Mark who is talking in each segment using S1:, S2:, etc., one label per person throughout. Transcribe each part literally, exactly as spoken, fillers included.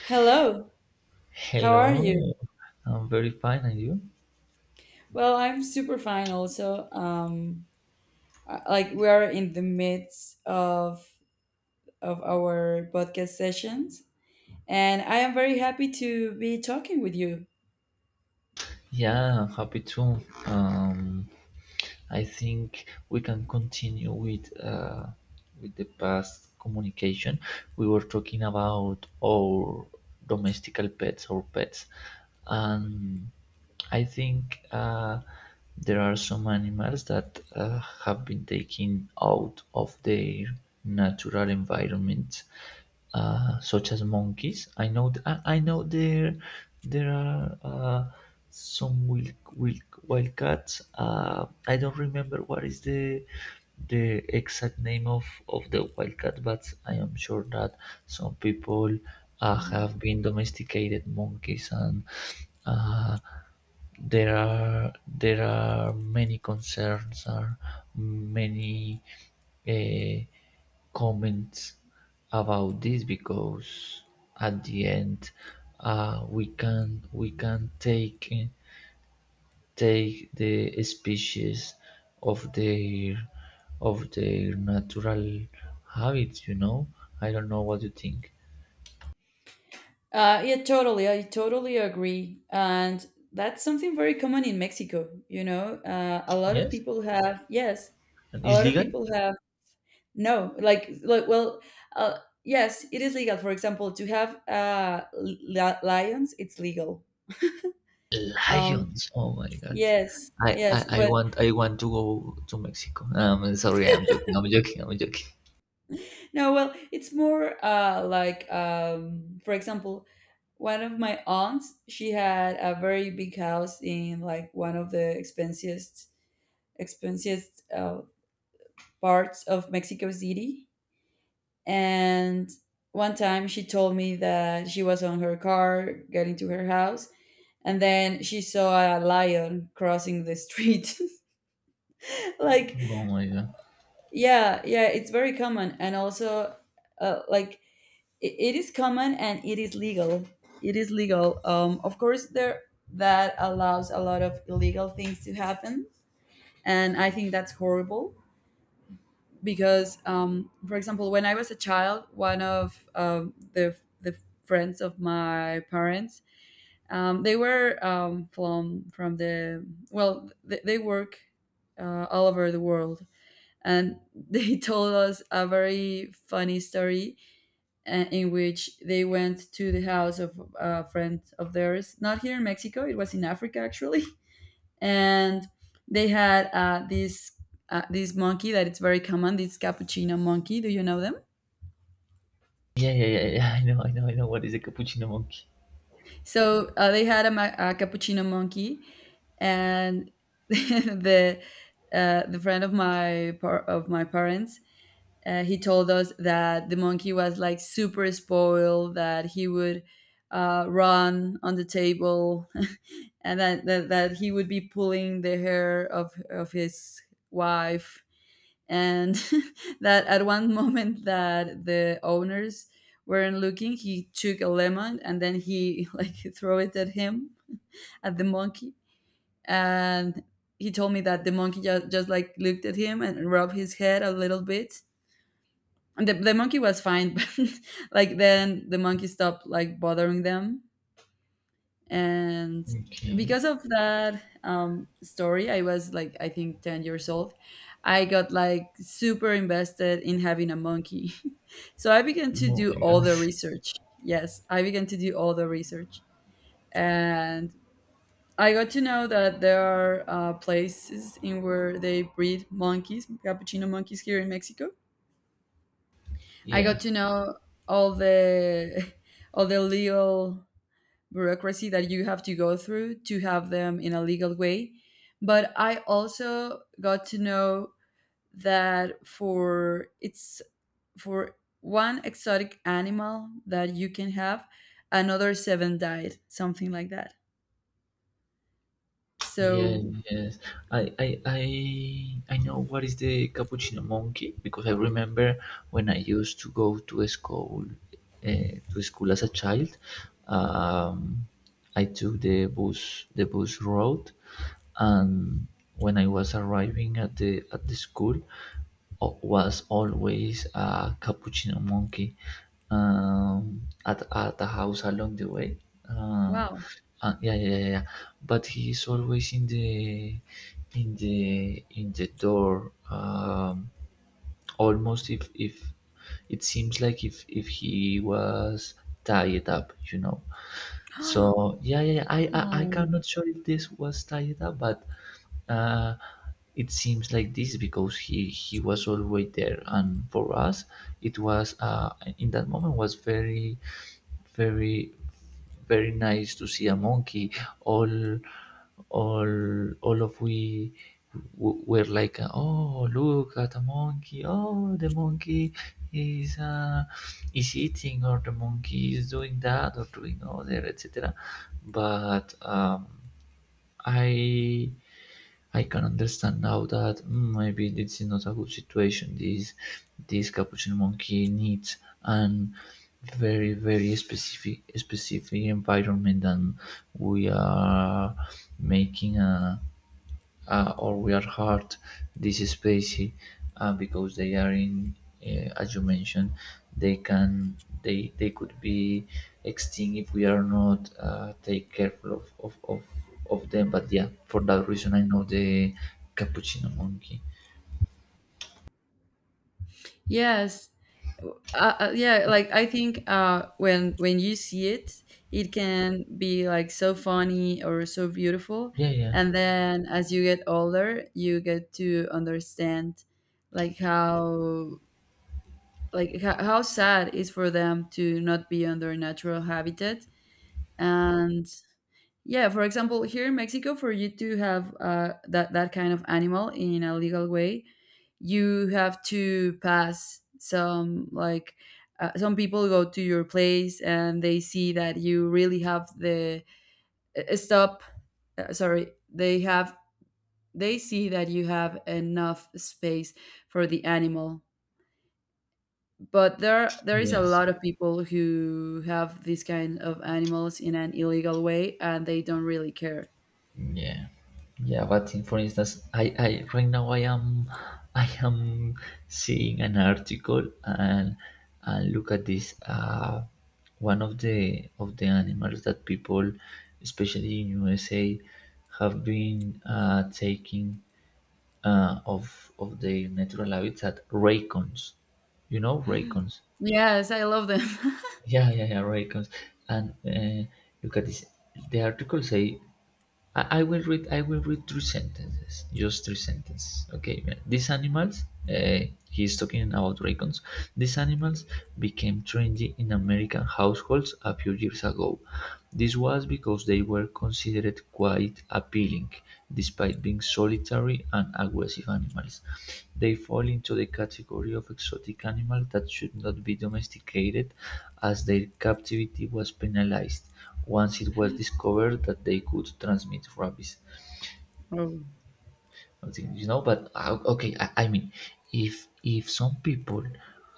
S1: Hello, how are
S2: Hello,
S1: you?
S2: I'm very fine, and you?
S1: Well, I'm super fine also. Um, I- like we are in the midst of of our podcast sessions, and I am very happy to be talking with you.
S2: Yeah, I'm happy too. Um, I think we can continue with uh, with the past communication. We were talking about our domestical pets, our pets, and I think uh, there are some animals that uh, have been taken out of their natural environment, uh, such as monkeys. I know th- I, I know there there are uh, some wild, wild, wild cats. Uh, I don't remember what is the the exact name of, of the wildcat, but I am sure that some people uh,
S1: Mhm.
S2: have been domesticated monkeys, and uh, there are there are many concerns or many uh, comments about this because at the end, uh, we can we can take take the species of their of their natural habits you know I don't know what you think.
S1: Uh, yeah, totally. I totally agree. And that's something very common in Mexico, you know. Uh, a lot of
S2: Yes,
S1: people have, yes,
S2: and
S1: a
S2: it's
S1: lot of
S2: legal.
S1: people have. No, like, like well, uh, yes, it is legal. For example, to have uh, li- lions, it's legal. Um,
S2: Lions! Oh my God.
S1: yes,
S2: I,
S1: yes,
S2: I, I
S1: but
S2: want I want to go to Mexico. Um, sorry, I'm joking. I'm joking. I'm joking.
S1: no, well, it's more uh, like, um, for example, one of my aunts. She had a very big house in, like, one of the expensiest, expensiest uh, parts of Mexico City. And one time she told me that she was on her car getting to her house, and then she saw a lion crossing the street. Like,
S2: Oh my God.
S1: yeah, yeah, it's very common. And also, uh, like, it, it is common, and it is legal, it is legal. Um of course, there that allows a lot of illegal things to happen. And I think that's horrible because, um, for example, when I was a child, one of um, the the friends of my parents, um, they were, um, from from the, well, they, they work uh, all over the world. And they told us a very funny story, uh, in which they went to the house of a friend of theirs. Not here in Mexico, it was in Africa actually. And they had uh, this uh, this monkey that it's very common, this cappuccino monkey. Do you know them?
S2: Yeah, yeah, yeah, yeah. I know, I know, I know. What is a cappuccino monkey?
S1: So uh, they had a, ma- a cappuccino monkey, and the uh, the friend of my par- of my parents, uh, he told us that the monkey was like super spoiled, that he would, uh, run on the table, and that, that that he would be pulling the hair of of his wife, and that at one moment, that the owners weren't looking, he took a lemon and then he, like, threw it at him, at the monkey. And he told me that the monkey just, just like looked at him and rubbed his head a little bit, and the, the monkey was fine. But like, then the monkey stopped, like, bothering them. And
S2: Okay.
S1: because of that, um, story, I was, like, I think ten years old. I got, like, super invested in having a monkey. So I began to
S2: Oh
S1: do
S2: my
S1: all
S2: God.
S1: the research. Yes, I began to do all the research. And I got to know that there are, uh, places in where they breed monkeys, cappuccino monkeys, here in Mexico. I
S2: Yeah.
S1: got to know all the all the legal bureaucracy that you have to go through to have them in a legal way. But I also got to know that, for it's for one exotic animal that you can have, another seven died, something like that.
S2: Yes,
S1: So,
S2: yes. I, I I I know what is the cappuccino monkey because I remember when I used to go to a school, uh, to school as a child. Um, I took the bus the bus road, and when I was arriving at the at the school, o- was always a cappuccino monkey um, at at the house along the way. Uh,
S1: wow.
S2: uh, yeah, yeah, yeah, yeah, but he is always in the in the in the door. Um, almost if if it seems like if if he was tied up you know So yeah, yeah, yeah. I, I i
S1: Oh.
S2: cannot sure if this was tied up, but uh it seems like this because he he was always there. And for us it was, uh in that moment was very very very nice to see a monkey. All all all of we w- were like, "Oh, look at a monkey! Oh, the monkey is uh, is eating, or the monkey is doing that, or doing other, et cetera" But um, I I can understand now that mm, maybe this is not a good situation. This this capuchin monkey needs an very very specific specific environment, and we are making a, uh, or we are hurt. This is spicy, uh, because they are in, uh, as you mentioned, they can, they they could be extinct if we are not, uh, take careful of, of of of them. But yeah, for that reason, I know the cappuccino monkey.
S1: Yes. Uh, uh, yeah, like I think, uh, when when you see it, it can be like so funny or so beautiful,
S2: Yeah, yeah.
S1: and then as you get older, you get to understand like how like how, how sad is for them to not be on their natural habitat. And yeah, for example, here in Mexico, for you to have uh, that that kind of animal in a legal way, you have to pass some, like, uh, some people go to your place and they see that you really have the, uh, stop uh, sorry, they have, they see that you have enough space for the animal. But there there is a
S2: Yes.
S1: lot of people who have this kind of animals in an illegal way, and they don't really care.
S2: Yeah, yeah. But in, for instance, I, I right now I am, I am seeing an article, and and look at this. Uh, one of the of the animals that people, especially in U S A, have been, uh, taking, uh, of of their natural habitats, at raccoons. You know raccoons.
S1: Yes, I love them.
S2: Yeah, yeah, yeah, raccoons. And uh, look at this. The article say, I, I will read. I will read three sentences. Just three sentences. Okay. These animals. Uh, he's talking about raccoons. These animals became trendy in American households a few years ago. This was because they were considered quite appealing, despite being solitary and aggressive animals. They fall into the category of exotic animals that should not be domesticated, as their captivity was penalized once it was discovered that they could transmit rabies.
S1: Oh.
S2: Something, you know, but uh, okay, I, I mean, if if some people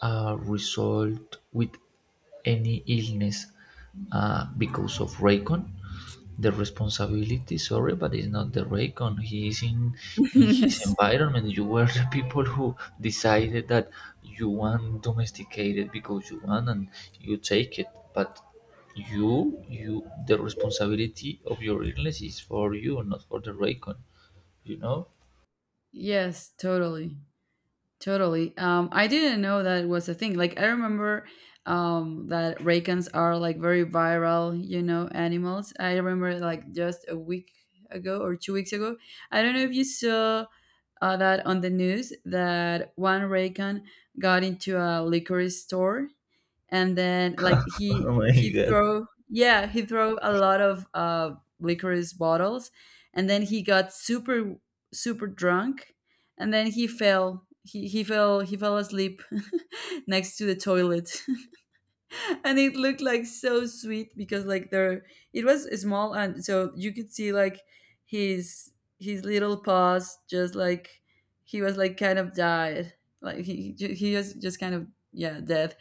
S2: are result with any illness, uh, because of raycon, the responsibility, sorry, but it's not the raycon. He is in, in his
S1: Yes,
S2: environment. You were the people who decided that you want domesticated because you want, and you take it. But you you the responsibility of your illness is for you, not for the raycon, you know?
S1: yes, totally. Totally. Um, I didn't know that it was a thing. Like I remember, um, that rakans are, like, very viral, you know, animals. I remember, like, just a week ago or two weeks ago. I don't know if you saw uh, that on the news that one rakan got into a liquor store, and then, like, he
S2: oh my
S1: he
S2: god
S1: throw, yeah, he throw a lot of uh licorice bottles, and then he got super, super drunk, and then he fell he, he fell he fell asleep. Next to the toilet. And it looked, like, so sweet because, like, there, it was small, and so you could see, like, his his little paws, just like, he was, like, kind of died, like he he was just kind of, yeah, dead.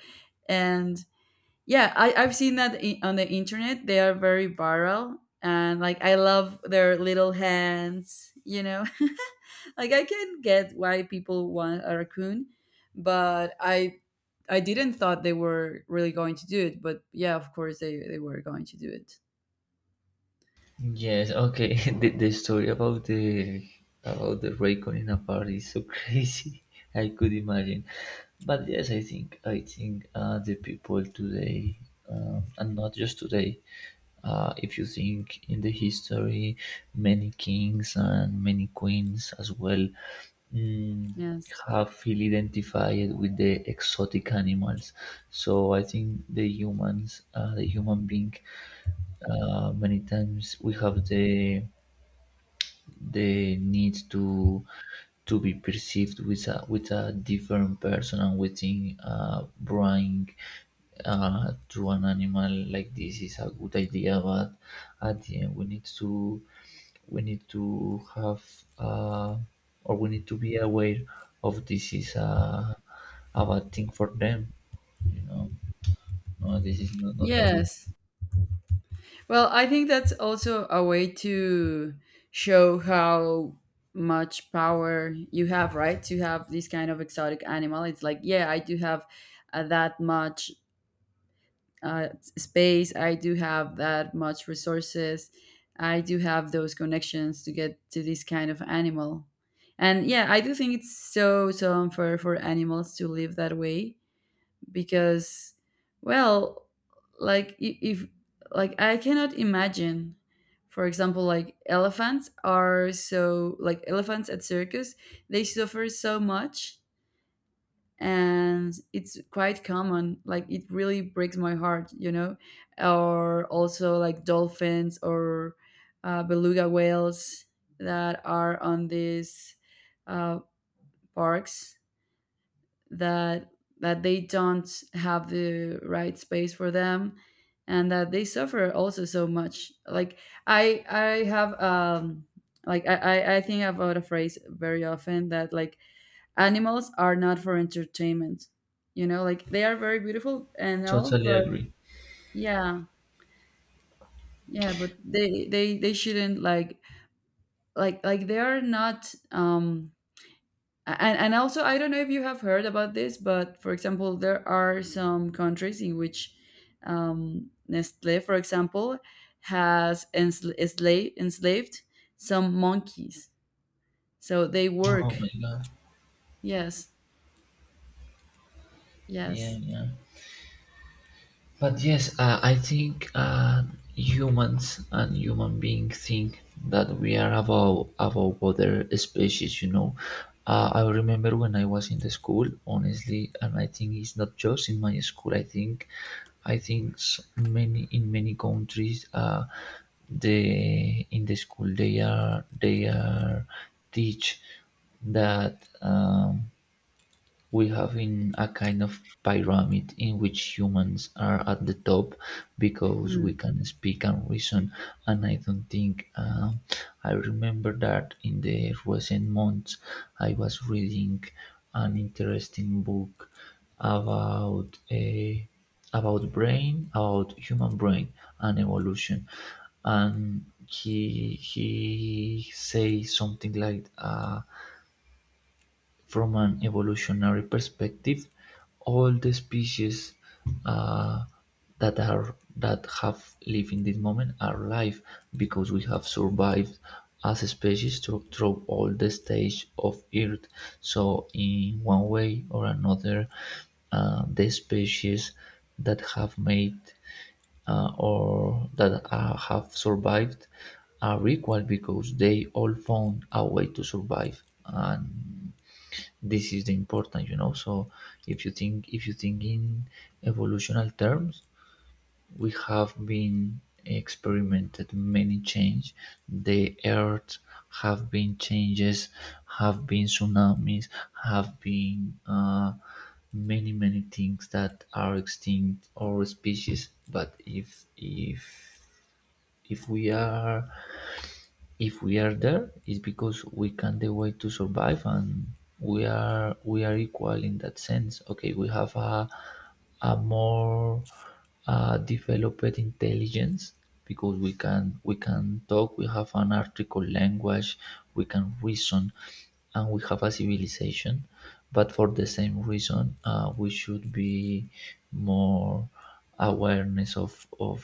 S1: And yeah, I, I've seen that in, on the internet. They are very viral. And, like, I love their little hands, you know? Like, I can get why people want a raccoon, but I. I didn't thought they were really going to do it, but yeah, of course they, they were going to do it.
S2: Yes, okay. The, the story about the about the raycon in a party is so crazy. I could imagine. But yes, I think I think uh, the people today, um, and not just today. Uh, if you think in the history, many kings and many queens as well, mm,
S1: Yes.
S2: have feel identified with the exotic animals. So I think the humans, uh, the human being, uh, many times we have the the need to to be perceived with a with a different person, and we think, uh, buying uh, to an animal like this is a good idea. But at the end, we need to, we need to have, uh, or we need to be aware of this is a, a bad thing for them, you know? No, this is not, not a good.
S1: Yes. Well, I think that's also a way to show how much power you have, right? To have this kind of exotic animal. It's like, yeah, I do have, uh, that much, uh, space. I do have that much resources. I do have those connections to get to this kind of animal. And yeah, I do think it's so, so unfair for animals to live that way, because, well, like, i- if, like, I cannot imagine. For example, like, elephants are so, like, elephants at circus, they suffer so much, and it's quite common, like, it really breaks my heart you know Or also like dolphins, or uh, beluga whales, that are on these uh, parks, that that they don't have the right space for them, and that they suffer also so much. Like, I I have, um like, i i I think about a phrase very often that, like, animals are not for entertainment you know like, they are very beautiful and all,
S2: Totally
S1: but
S2: agree.
S1: yeah, yeah, but they they they shouldn't, like like like, they are not, um And, and also, I don't know if you have heard about this, but for example, there are some countries in which, um, Nestle, for example, has ensla- ensla- enslaved some monkeys. So they
S2: Oh my
S1: work.
S2: God.
S1: Yes,
S2: Yeah,
S1: yes.
S2: yeah. But yes, uh, I think uh, humans and human beings think that we are above above other species. You know, uh, I remember when I was in the school, honestly, and I think it's not just in my school. I think, I think s- many, in many countries, uh, the in the school, they are they are teach that. Um, we have in a kind of pyramid in which humans are at the top because we
S1: Mm.
S2: can speak and reason. And I don't think uh, I remember that in the recent months I was reading an interesting book about a, about brain, about human brain and evolution. And he he say something like, uh, from an evolutionary perspective, all the species uh, that are that have lived in this moment are alive because we have survived as a species through, through all the stage of Earth. So, in one way or another, uh, the species that have made, uh, or that uh, have survived, are equal because they all found a way to survive, and this is the important, you know? So if you think, if you think in evolutional terms, we have been experimented many change. The earth have been changes, have been tsunamis, have been uh, many many things that are extinct or species. But if if if we are, if we are there, it's because we can the way to survive, and we are, we are equal in that sense. Okay, we have a a more uh, developed intelligence because we can, we can talk, we have an article language, we can reason, and we have a civilization. But for the same reason, uh, we should be more awareness of of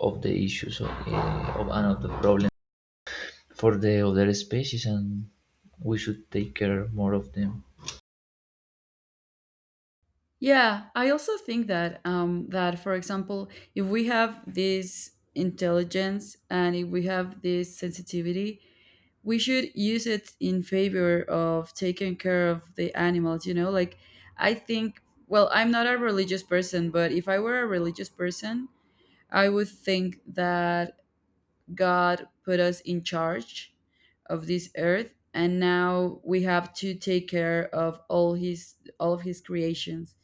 S2: of the issues of, uh, of and of the problems for the other species, and we should take care more of them.
S1: Yeah, I also think that, um, that, for example, if we have this intelligence and if we have this sensitivity, we should use it in favor of taking care of the animals you know Like, I think, well, I'm not a religious person, but if I were a religious person, I would think that God put us in charge of this earth, and now we have to take care of all his all of his creations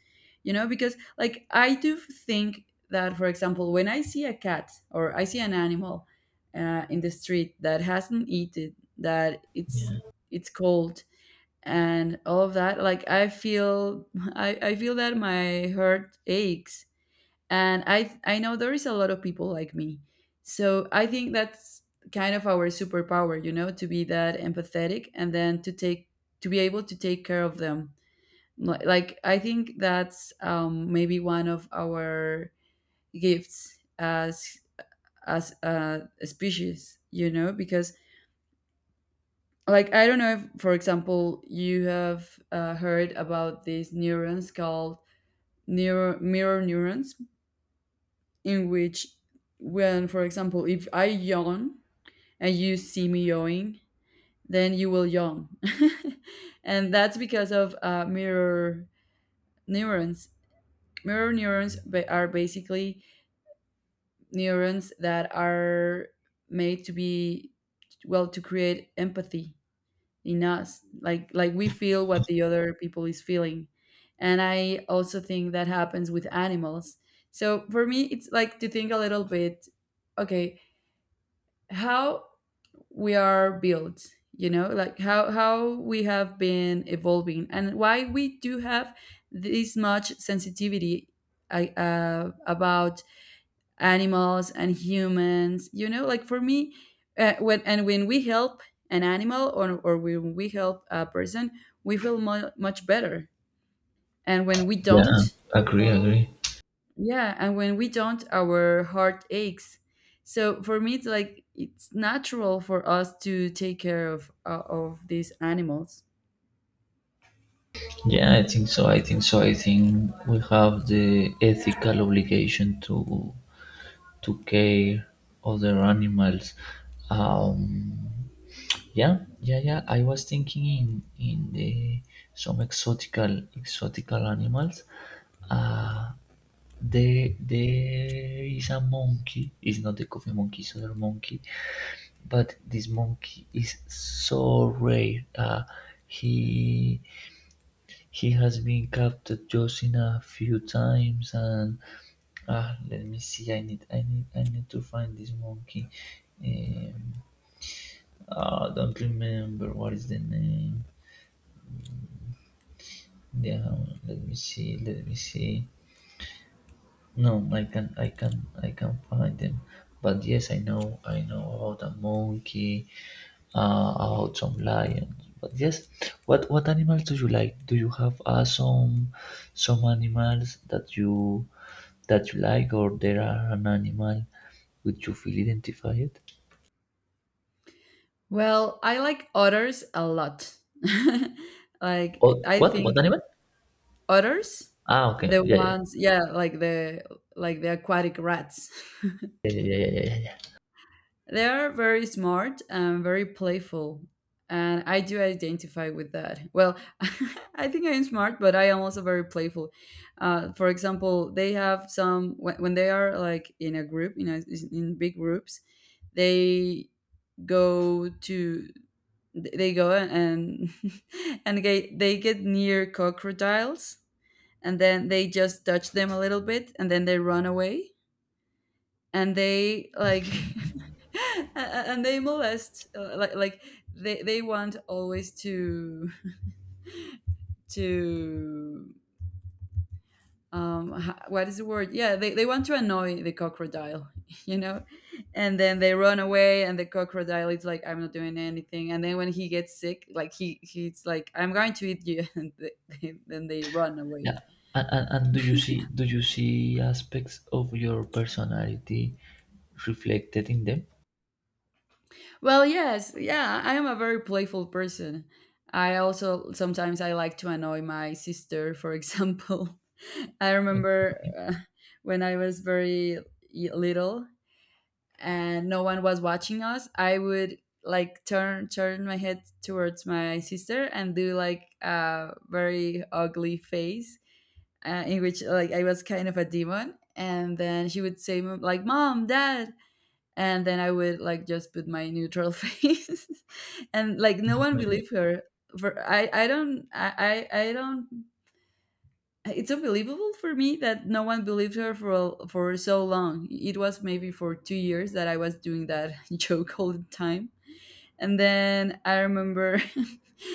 S1: you know Because, like, I do think that, for example, when I see a cat or I see an animal uh, in the street that hasn't eaten, that it's
S2: Yeah.
S1: it's cold, and all of that, like, I feel i, I feel that my heart aches, and i i know there is a lot of people like me. So I think that's kind of our superpower you know to be that empathetic, and then to take to be able to take care of them. Li- like, I think that's, um, maybe, one of our gifts as, as uh, a species you know Because, like, I don't know if, for example, you have uh, heard about these neurons called, neuro, mirror neurons, in which, when, for example, if I yawn and you see me yawning, then you will yawn. And that's because of uh, mirror neurons. mirror neurons ba- are basically neurons that are made to be, well, to create empathy in us. Like, like we feel what the other people is feeling, and I also think that happens with animals. So for me, it's like to think a little bit, okay, how we are built you know like how how we have been evolving and why we do have this much sensitivity I- uh, about animals and humans you know Like, for me, uh, when and when we help an animal, or, or when we help a person, we feel mu much better, and when we
S2: Yeah,
S1: don't.
S2: agree, agree.
S1: Yeah, and when we don't, our heart aches. So for me, it's like it's natural for us to take care of, uh, of these animals.
S2: Yeah, I think so. I think so. I think we have the ethical obligation to to care other animals. Um, Yeah, yeah, yeah. I was thinking in in the some exotical exotical animals. Uh, there there is a monkey. It's not the coffee monkey, it's other monkey. But this monkey is so rare. Uh, he he has been captured just in a few times, and ah, let me see. I need I need I need to find this monkey. Um, I don't remember what is the name. Yeah, let me see, let me see. No, I can, I can, I can find them. But yes, I know, I know about a monkey, uh, about some lions. But yes, what what animals do you like? Do you have uh, some some animals that you that you like, or there are an animal which you feel identified?
S1: Well, I like otters a lot. Like,
S2: Oh,
S1: I
S2: what
S1: think
S2: what animal?
S1: otters,
S2: Ah, okay,
S1: the
S2: yeah, yeah,
S1: ones, yeah, like the like the aquatic rats.
S2: yeah, yeah, yeah, yeah, yeah, yeah.
S1: They are very smart and very playful. And I do identify with that. Well, I think I am smart, but I am also very playful. Uh, for example, they have some, when, when they are like in a group, you know, in big groups, they go to, they go and, and they, they get near crocodiles and then they just touch them a little bit and then they run away and they like and they molest uh, like like they they want always to to um ha- what is the word, yeah, they, they want to annoy the crocodile you know. And then they run away and the crocodile is like, "I'm not doing anything," and then when he gets sick, like, he he's like, "I'm going to eat you." and they, they, then they run away.
S2: Yeah. And, and, and do you see, do you see aspects of your personality reflected in them?
S1: Well, yes, yeah, I am a very playful person. I also sometimes I like to annoy my sister, for example. I
S2: Okay.
S1: remember uh, when I was very y- little and no one was watching us, I would like turn turn my head towards my sister and do like a very ugly face, uh, in which like I was kind of a demon, and then she would say like, "Mom, Dad," and then I would like just put my neutral face, and like no one
S2: My God.
S1: believed her. For I, I don't, I, I, I don't. It's unbelievable for me that no one believed her for a- for so long. It was maybe for two years that I was doing that joke all the time, and then I remember,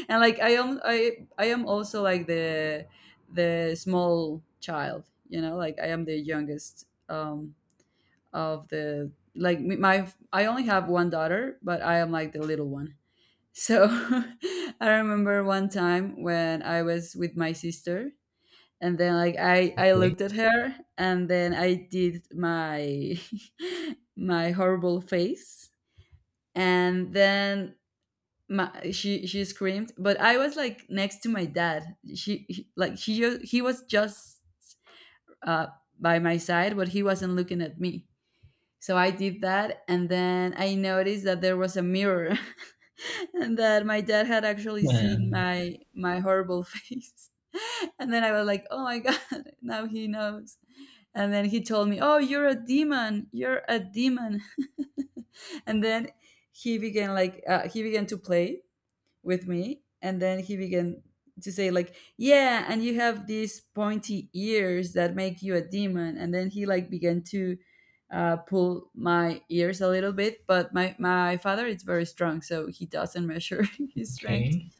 S1: and like I am, I, I am also like the the small child, you know, like I am the youngest um of the like m- my I only have one daughter, but I am like the little one. So I remember one time when I was with my sister and then like I I
S2: Okay.
S1: looked at her and then I did my my horrible face, and then my, she she screamed, but I was like next to my dad. She he, like he ju- He was just uh by my side, but he wasn't looking at me. So I did that, and then I noticed that there was a mirror, and that my dad had actually seen
S2: Um,
S1: my my horrible face. And then I was like, "Oh my god, now he knows." And then he told me, "Oh, you're a demon. You're a demon." And then he began like uh, he began to play with me, and then he began to say like, "Yeah, and you have these pointy ears that make you a demon," and then he like began to uh, pull my ears a little bit. But my my father is very strong, so he doesn't measure his strength.
S2: okay.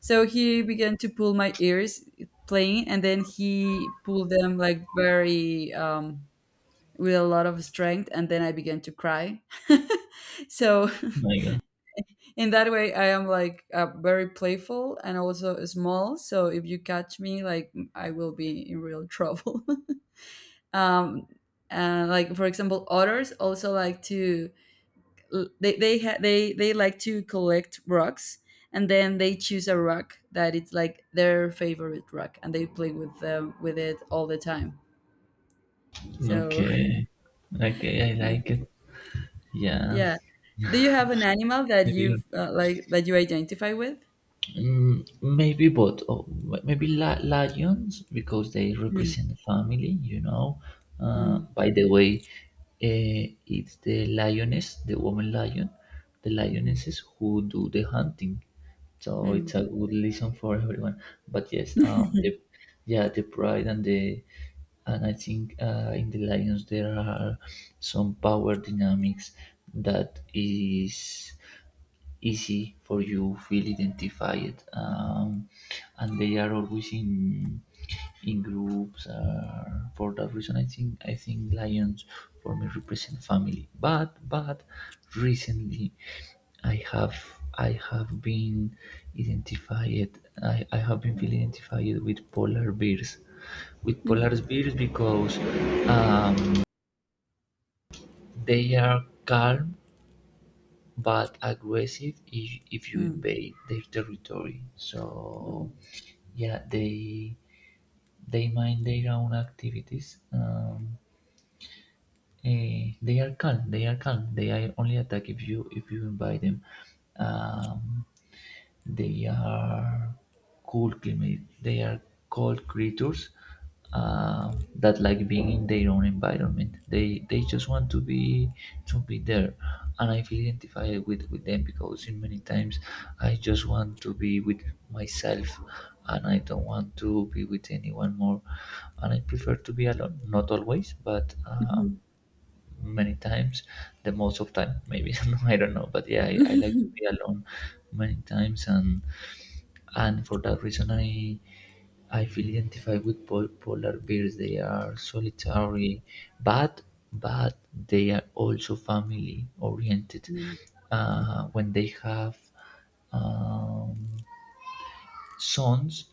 S1: So he began to pull my ears playing, and then he pulled them like very um with a lot of strength, and then I began to cry. So
S2: My God.
S1: in that way I am like uh, very playful and also small, so if you catch me, like, I will be in real trouble. um and like, for example, otters also like to, they they ha- they they like to collect rocks, and then they choose a rock that it's like their favorite rock, and they play with them with it all the time. So
S2: Okay. Okay, I
S1: yeah.
S2: like it. Yeah.
S1: Yeah. Do you have an animal that
S2: Maybe,
S1: you've uh, like that you identify with?
S2: Mm, maybe both. Or m- maybe li- lions because they
S1: Mm.
S2: represent the family. You know. Uh,
S1: Mm.
S2: by the way, uh, it's the lioness, the woman lion, the
S1: Mhm.
S2: lionesses who do the hunting. So it's a good lesson for everyone. But yes, um,
S1: Mm.
S2: the yeah, the pride and the, and I think uh, in the lions there are some power dynamics that is easy for you feel identified, um, and they are always in in groups. Uh, for that reason, i think i think lions for me represent family. but but recently i have i have been identified, i, I have been feeling identified with polar bears, with polar
S1: Mm.
S2: bears because, um, they are calm but aggressive if, if you
S1: Mm.
S2: invade their territory. So
S1: Mm.
S2: yeah, they they mind their own activities. Um, eh, they are calm. They are calm. They are only attack if you if you invite them. Um, they are cold climate. They are cold creatures, uh, that like being in their own environment. They they just want to be to be there, and I feel identified with with them because in many times I just want to be with myself, and I don't want to be with anyone more, and I prefer to be alone. Not always, but. Uh,
S1: Mhm.
S2: many times, the most of time maybe. I don't know, but yeah, I, I like to
S1: Mhm.
S2: be alone many times. and and for that reason, i i feel identified with pol- polar bears. They are solitary, but but they are also family oriented,
S1: Mm.
S2: uh, when they have, um, sons.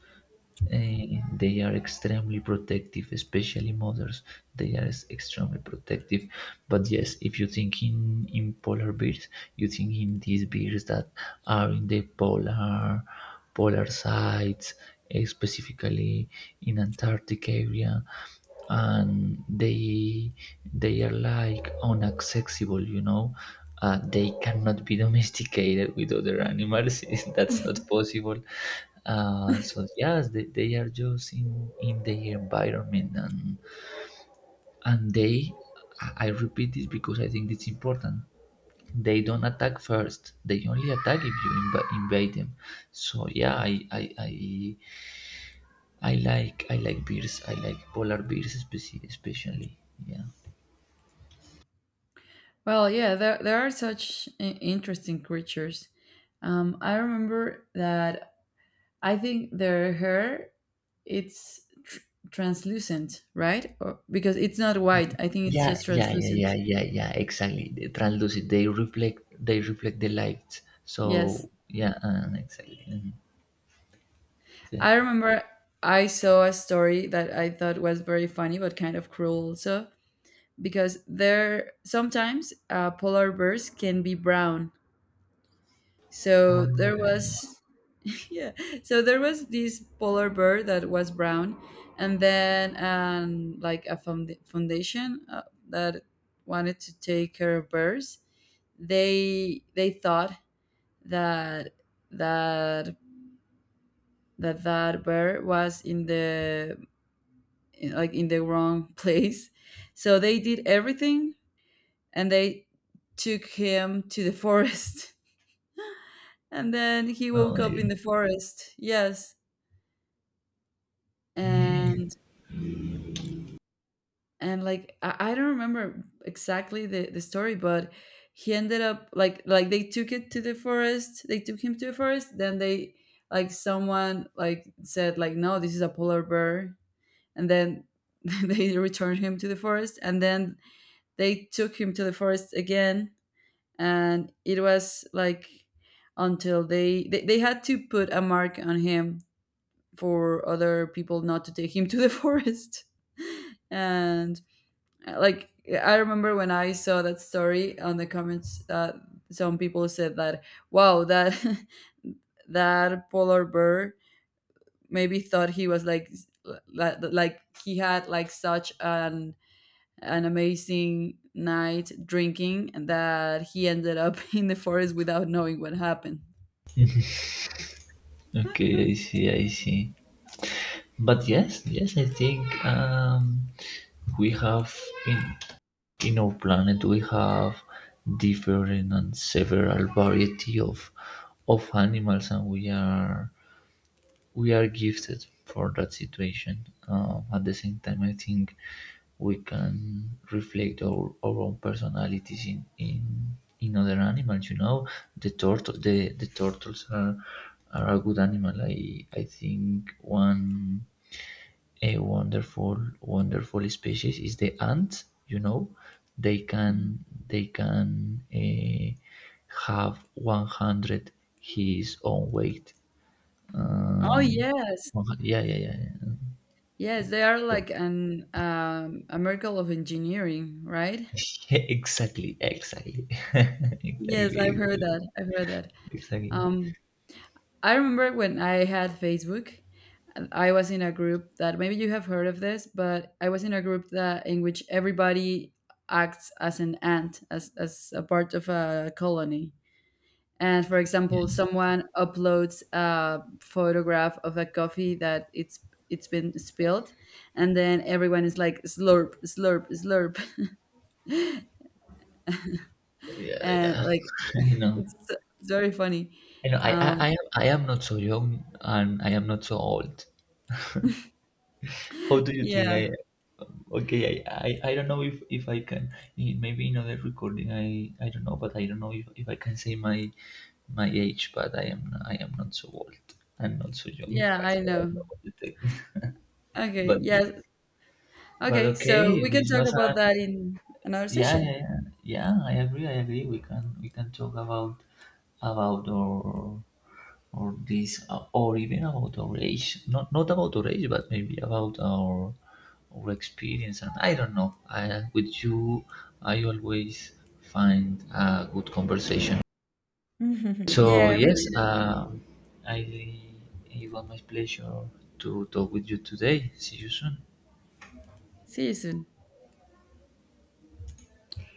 S2: Eh, they are extremely protective, especially mothers. They are s- extremely protective. But yes, if you think in, in polar bears, you think in these bears that are in the polar polar sites, eh, specifically in Antarctic area, and they they are like unaccessible, you know, uh, they cannot be domesticated with other animals. That's not possible. Uh, so yes, they, they are just in in their environment, and and they, i I repeat this because I think it's important, they don't attack first. They only attack if you inv- invade them. So yeah, I, I i i like, I like bears, I like polar bears, speci- especially. Yeah.
S1: Well, yeah, there there are such i- interesting creatures. Um, I remember that I think their hair, it's tr- translucent, right? Or, because it's not
S2: Yeah,
S1: white. I think it's
S2: yeah,
S1: just
S2: yeah,
S1: translucent.
S2: yeah, yeah, yeah. Exactly. The translucent. They reflect. They reflect the light.
S1: Yes.
S2: So yeah, uh, exactly. Mhm. Yeah.
S1: I remember I saw a story that I thought was very funny but kind of cruel also, because there sometimes, uh, polar bears can be brown. So there
S2: Oh,
S1: was yeah. So there was this polar bear that was brown, and then um, like a found- foundation uh, that wanted to take care of bears. They they thought that that that that bear was in the in- like in the wrong place, so they did everything, and they took him to the forest, and then he
S2: oh
S1: woke
S2: my
S1: up in
S2: God.
S1: the forest. Yes, and and like I, I don't remember exactly the, the story, but he ended up like, like they took it to the forest they took him to the forest, then they like someone like said like, "No, this is a polar bear," and then they returned him to the forest, and then they took him to the forest again. And it was like, until they they, they had to put a mark on him for other people not to take him to the forest. And like, I remember when I saw that story on the comments, uh, some people said that, wow, that that polar bear maybe thought he was like, like like he had like such an an amazing night drinking that he ended up in the forest without knowing what happened.
S2: Okay, I see, I see. But yes, yes, I think, um, we have in in our planet we have different and several variety of of animals, and we are, we are gifted for that situation. Um, at the same time, I think we can reflect our, our own personalities in, in in other animals. You know, the turtle, the, the turtles are are a good animal. I I think one a wonderful wonderful species is the ant. You know, they
S1: Mhm.
S2: can, they can uh, have one hundred his own weight,
S1: Oh
S2: um,
S1: yes.
S2: yeah, yeah, yeah, yeah.
S1: Yes, they are
S2: But-
S1: like an, um, a miracle of engineering, right?
S2: Yeah, exactly, exactly, exactly,
S1: Yes, i've heard
S2: exactly,
S1: that I've heard that.
S2: exactly.
S1: Um, I remember when I had Facebook, I was in a group that maybe you have heard of this, but I was in a group that in which everybody acts as an ant, as, as a part of a colony. And for example, someone uploads a photograph of a coffee that it's it's been spilled, and then everyone is like, "Slurp, slurp, slurp,"
S2: Yeah,
S1: and
S2: yeah.
S1: like
S2: I know.
S1: it's it's very funny.
S2: I know. I, I, I
S1: Um,
S2: am, I am not so young and I am not so old. How do you think
S1: yeah,
S2: I am? Okay, I, I, I don't know if, if I can. i- Maybe in other recording, I, I don't know, but I don't know if, if I can say my my age. But I am I am not so old and not so young
S1: yeah,
S2: as
S1: I
S2: well. I don't know
S1: know.
S2: what you think.
S1: Okay,
S2: But
S1: yeah.
S2: But
S1: Okay, so
S2: okay,
S1: we can
S2: this
S1: talk
S2: was a
S1: about that in another
S2: yeah,
S1: session.
S2: yeah, yeah. Yeah, I agree. I agree. We can we can talk about about our or this, uh, or even about our age. Not not about our age, but maybe about our our experience. And I don't know. I with you, I always find a good conversation. So
S1: Yeah, me
S2: yes,
S1: too.
S2: um, I it was my pleasure to talk with you today. See you soon.
S1: See you soon.